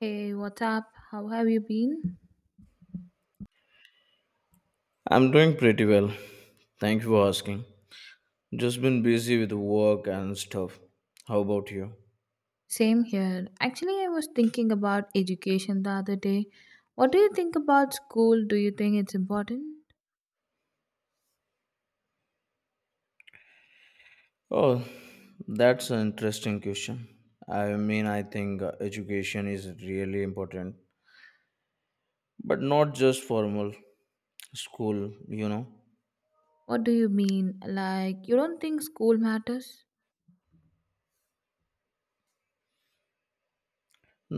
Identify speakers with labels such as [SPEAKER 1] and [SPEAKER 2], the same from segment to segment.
[SPEAKER 1] Hey, what's up? How have you been?
[SPEAKER 2] I'm doing pretty well. Thank you for asking. Just been busy with work and stuff. How about you?
[SPEAKER 1] Same here. Actually, I was thinking about education the other day. What do you think about school? Do you think it's important?
[SPEAKER 2] Oh, that's an interesting question. I mean, I think education is really important, but not just formal school,
[SPEAKER 1] What do you mean? Like, you don't think school matters?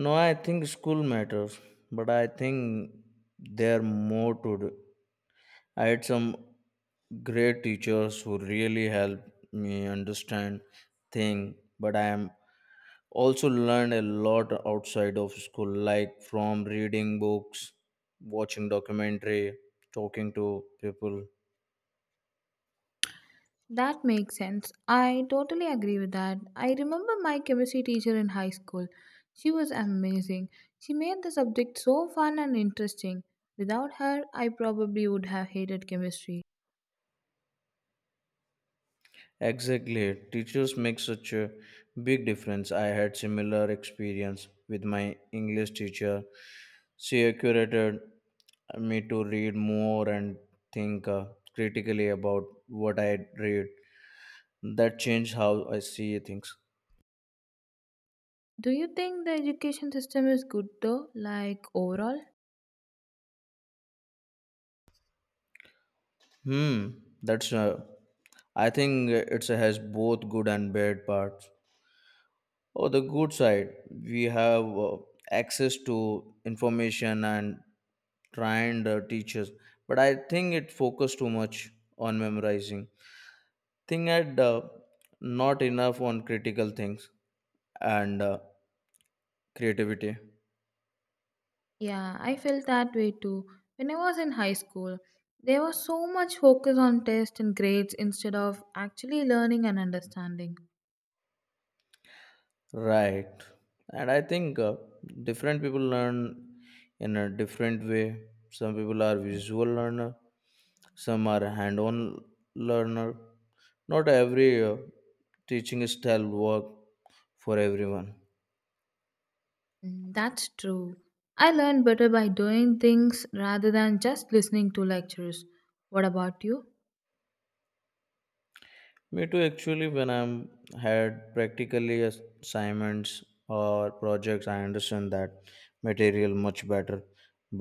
[SPEAKER 2] No, I think school matters, but I think there are more to do. I had some great teachers who really helped me understand things, but I am also learned a lot outside of school, like from reading books, watching documentary, talking to people.
[SPEAKER 1] That makes sense. I totally agree with that. I remember my chemistry teacher in high school. She was amazing. She made the subject so fun and interesting. Without her, I probably would have hated chemistry.
[SPEAKER 2] Exactly, teachers make such a big difference. I had similar experience with my English teacher. She encouraged me to read more and think critically about what I read. That changed how I see things.
[SPEAKER 1] Do you think the education system is good though, like overall?
[SPEAKER 2] Hmm, that's I think it has both good and bad parts. On the good side, we have access to information and trained teachers, but I think it focused too much on memorizing. Thing had not enough on critical things and creativity.
[SPEAKER 1] Yeah, I felt that way too. When I was in high school, there was so much focus on tests and grades instead of actually learning and understanding.
[SPEAKER 2] Right, and I think different people learn in a different way. Some people are visual learner, some are hand-on learner. Not every teaching style work for everyone.
[SPEAKER 1] Mm, that's true. I learned better by doing things rather than just listening to lectures. What about you?
[SPEAKER 2] Me too, actually. When I'm had practically assignments or projects, I understand that material much better,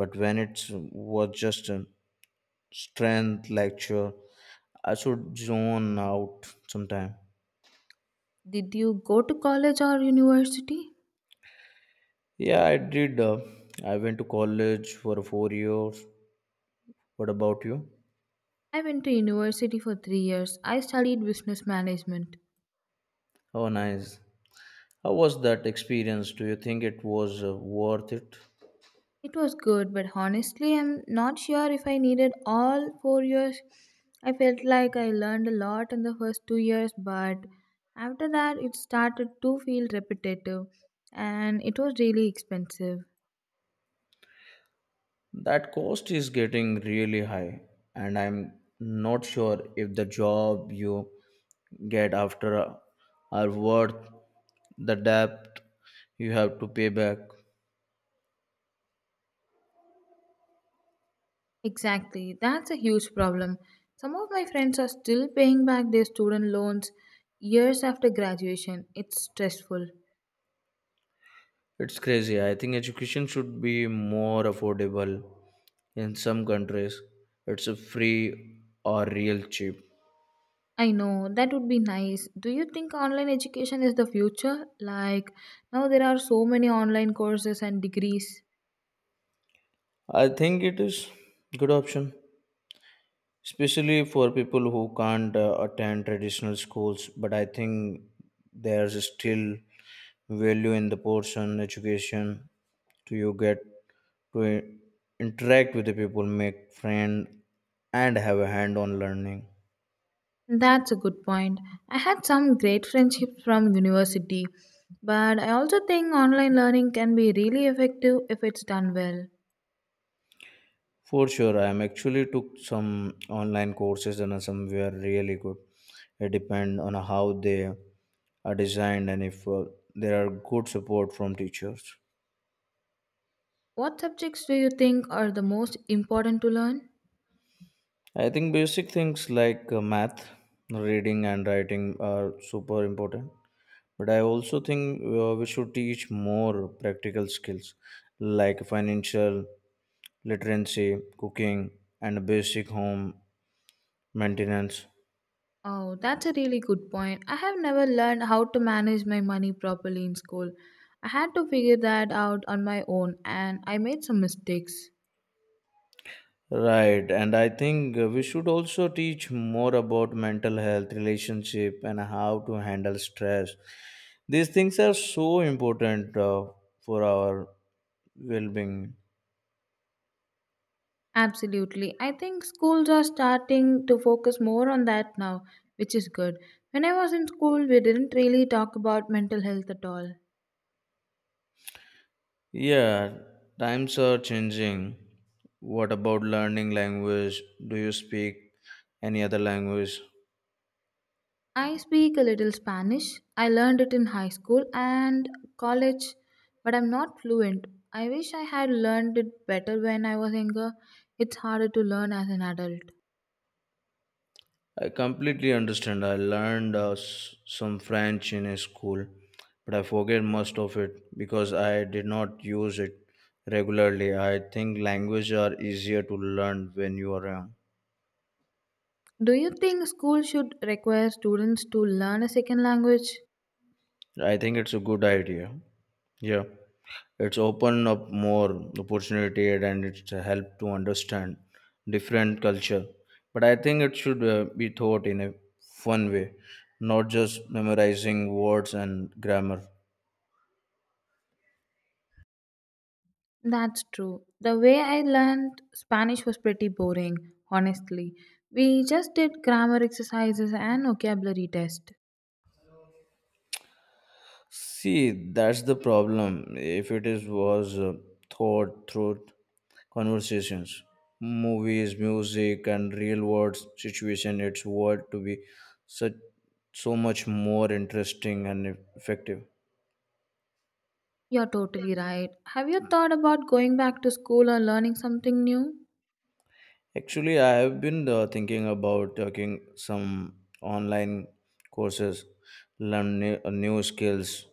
[SPEAKER 2] but when it was just a strength lecture, I should zone out sometime.
[SPEAKER 1] Did you go to college or university?
[SPEAKER 2] Yeah, I did, I went to college for 4 years. What about you?
[SPEAKER 1] I went to university for 3 years. I studied business management.
[SPEAKER 2] Oh, nice. How was that experience? Do you think it was worth it?
[SPEAKER 1] It was good, but honestly, I'm not sure if I needed all 4 years. I felt like I learned a lot in the first 2 years, but after that, it started to feel repetitive and it was really expensive.
[SPEAKER 2] That cost is getting really high, and I'm not sure if the job you get after are worth the debt you have to pay back.
[SPEAKER 1] Exactly, that's a huge problem. Some of my friends are still paying back their student loans years after graduation. It's stressful.
[SPEAKER 2] It's crazy. I think education should be more affordable. In some countries, it's a free or real cheap.
[SPEAKER 1] I know that would be nice. Do you think online education is the future? Like now there are so many online courses and degrees.
[SPEAKER 2] I think it is good option, especially for people who can't attend traditional schools, but I think there's still value in the portion education. To you get to interact with the people, make friend, and have a hand-on learning.
[SPEAKER 1] That's a good point. I had some great friendships from university, but I also think online learning can be really effective if it's done well.
[SPEAKER 2] For sure, I am actually took some online courses and some were really good. It depend on how they are designed and if there are good support from teachers.
[SPEAKER 1] What subjects do you think are the most important to learn?
[SPEAKER 2] I think basic things like math, reading, and writing are super important. But I also think we should teach more practical skills like financial literacy, cooking, and basic home maintenance.
[SPEAKER 1] Oh, that's a really good point. I have never learned how to manage my money properly in school. I had to figure that out on my own and I made some mistakes.
[SPEAKER 2] Right, and I think we should also teach more about mental health, relationship, and how to handle stress. These things are so important for our well being.
[SPEAKER 1] Absolutely. I think schools are starting to focus more on that now, which is good. When I was in school, we didn't really talk about mental health at all.
[SPEAKER 2] Yeah, times are changing. What about learning language? Do you speak any other language?
[SPEAKER 1] I speak a little Spanish. I learned it in high school and college, but I'm not fluent. I wish I had learned it better when I was younger. It's harder to learn as an adult.
[SPEAKER 2] I completely understand. I learned some French in a school, but I forget most of it because I did not use it regularly. I think language are easier to learn when you are young.
[SPEAKER 1] Do you think school should require students to learn a second language?
[SPEAKER 2] I think it's a good idea. Yeah. It's opened up more opportunity and it's helped to understand different culture, but I think it should be taught in a fun way, not just memorizing words and grammar.
[SPEAKER 1] That's true. The way I learned Spanish was pretty boring, honestly. We just did grammar exercises and vocabulary test.
[SPEAKER 2] See, that's the problem. If it is was taught through conversations, movies, music, and real world situation, it's world to be such so much more interesting and effective.
[SPEAKER 1] You're totally right. Have you thought about going back to school or learning something new?
[SPEAKER 2] Actually, I have been thinking about taking some online courses, learn new, new skills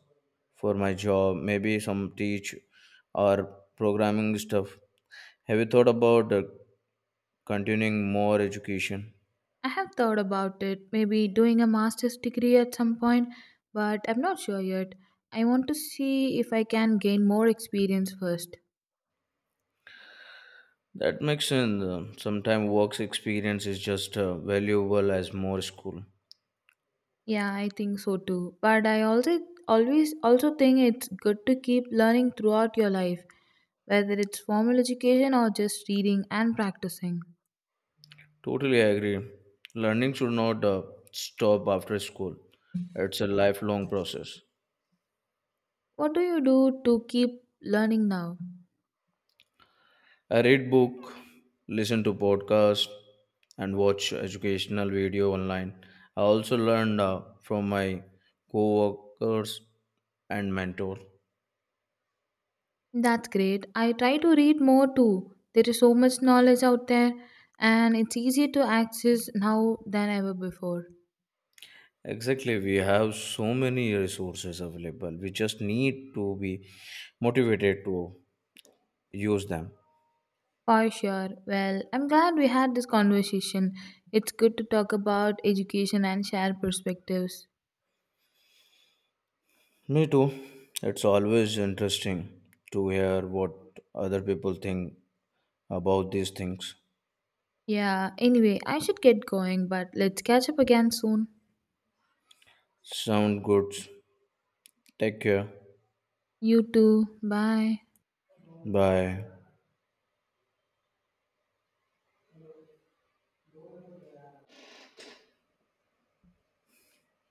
[SPEAKER 2] for my job, maybe some teach or programming stuff. Have you thought about continuing more education?
[SPEAKER 1] I have thought about it, maybe doing a master's degree at some point, but I'm not sure yet. I want to see if I can gain more experience first.
[SPEAKER 2] That makes sense. Sometimes work experience is just valuable as more school.
[SPEAKER 1] Yeah, I think so too. But I also always also think it's good to keep learning throughout your life, whether it's formal education or just reading and practicing.
[SPEAKER 2] Totally agree. Learning should not stop after school. It's a lifelong process.
[SPEAKER 1] What do you do to keep learning now?
[SPEAKER 2] I read book, listen to podcast, and watch educational video online. I also learned from my co-workers and mentor.
[SPEAKER 1] That's great. I try to read more too. There is so much knowledge out there and it's easier to access now than ever before.
[SPEAKER 2] Exactly, we have so many resources available. We just need to be motivated to use them.
[SPEAKER 1] For sure. Well, I'm glad we had this conversation. It's good to talk about education and share perspectives.
[SPEAKER 2] Me too. It's always interesting to hear what other people think about these things.
[SPEAKER 1] Yeah, anyway, I should get going, but let's catch up again soon.
[SPEAKER 2] Sound good. Take care.
[SPEAKER 1] You too. Bye.
[SPEAKER 2] Bye.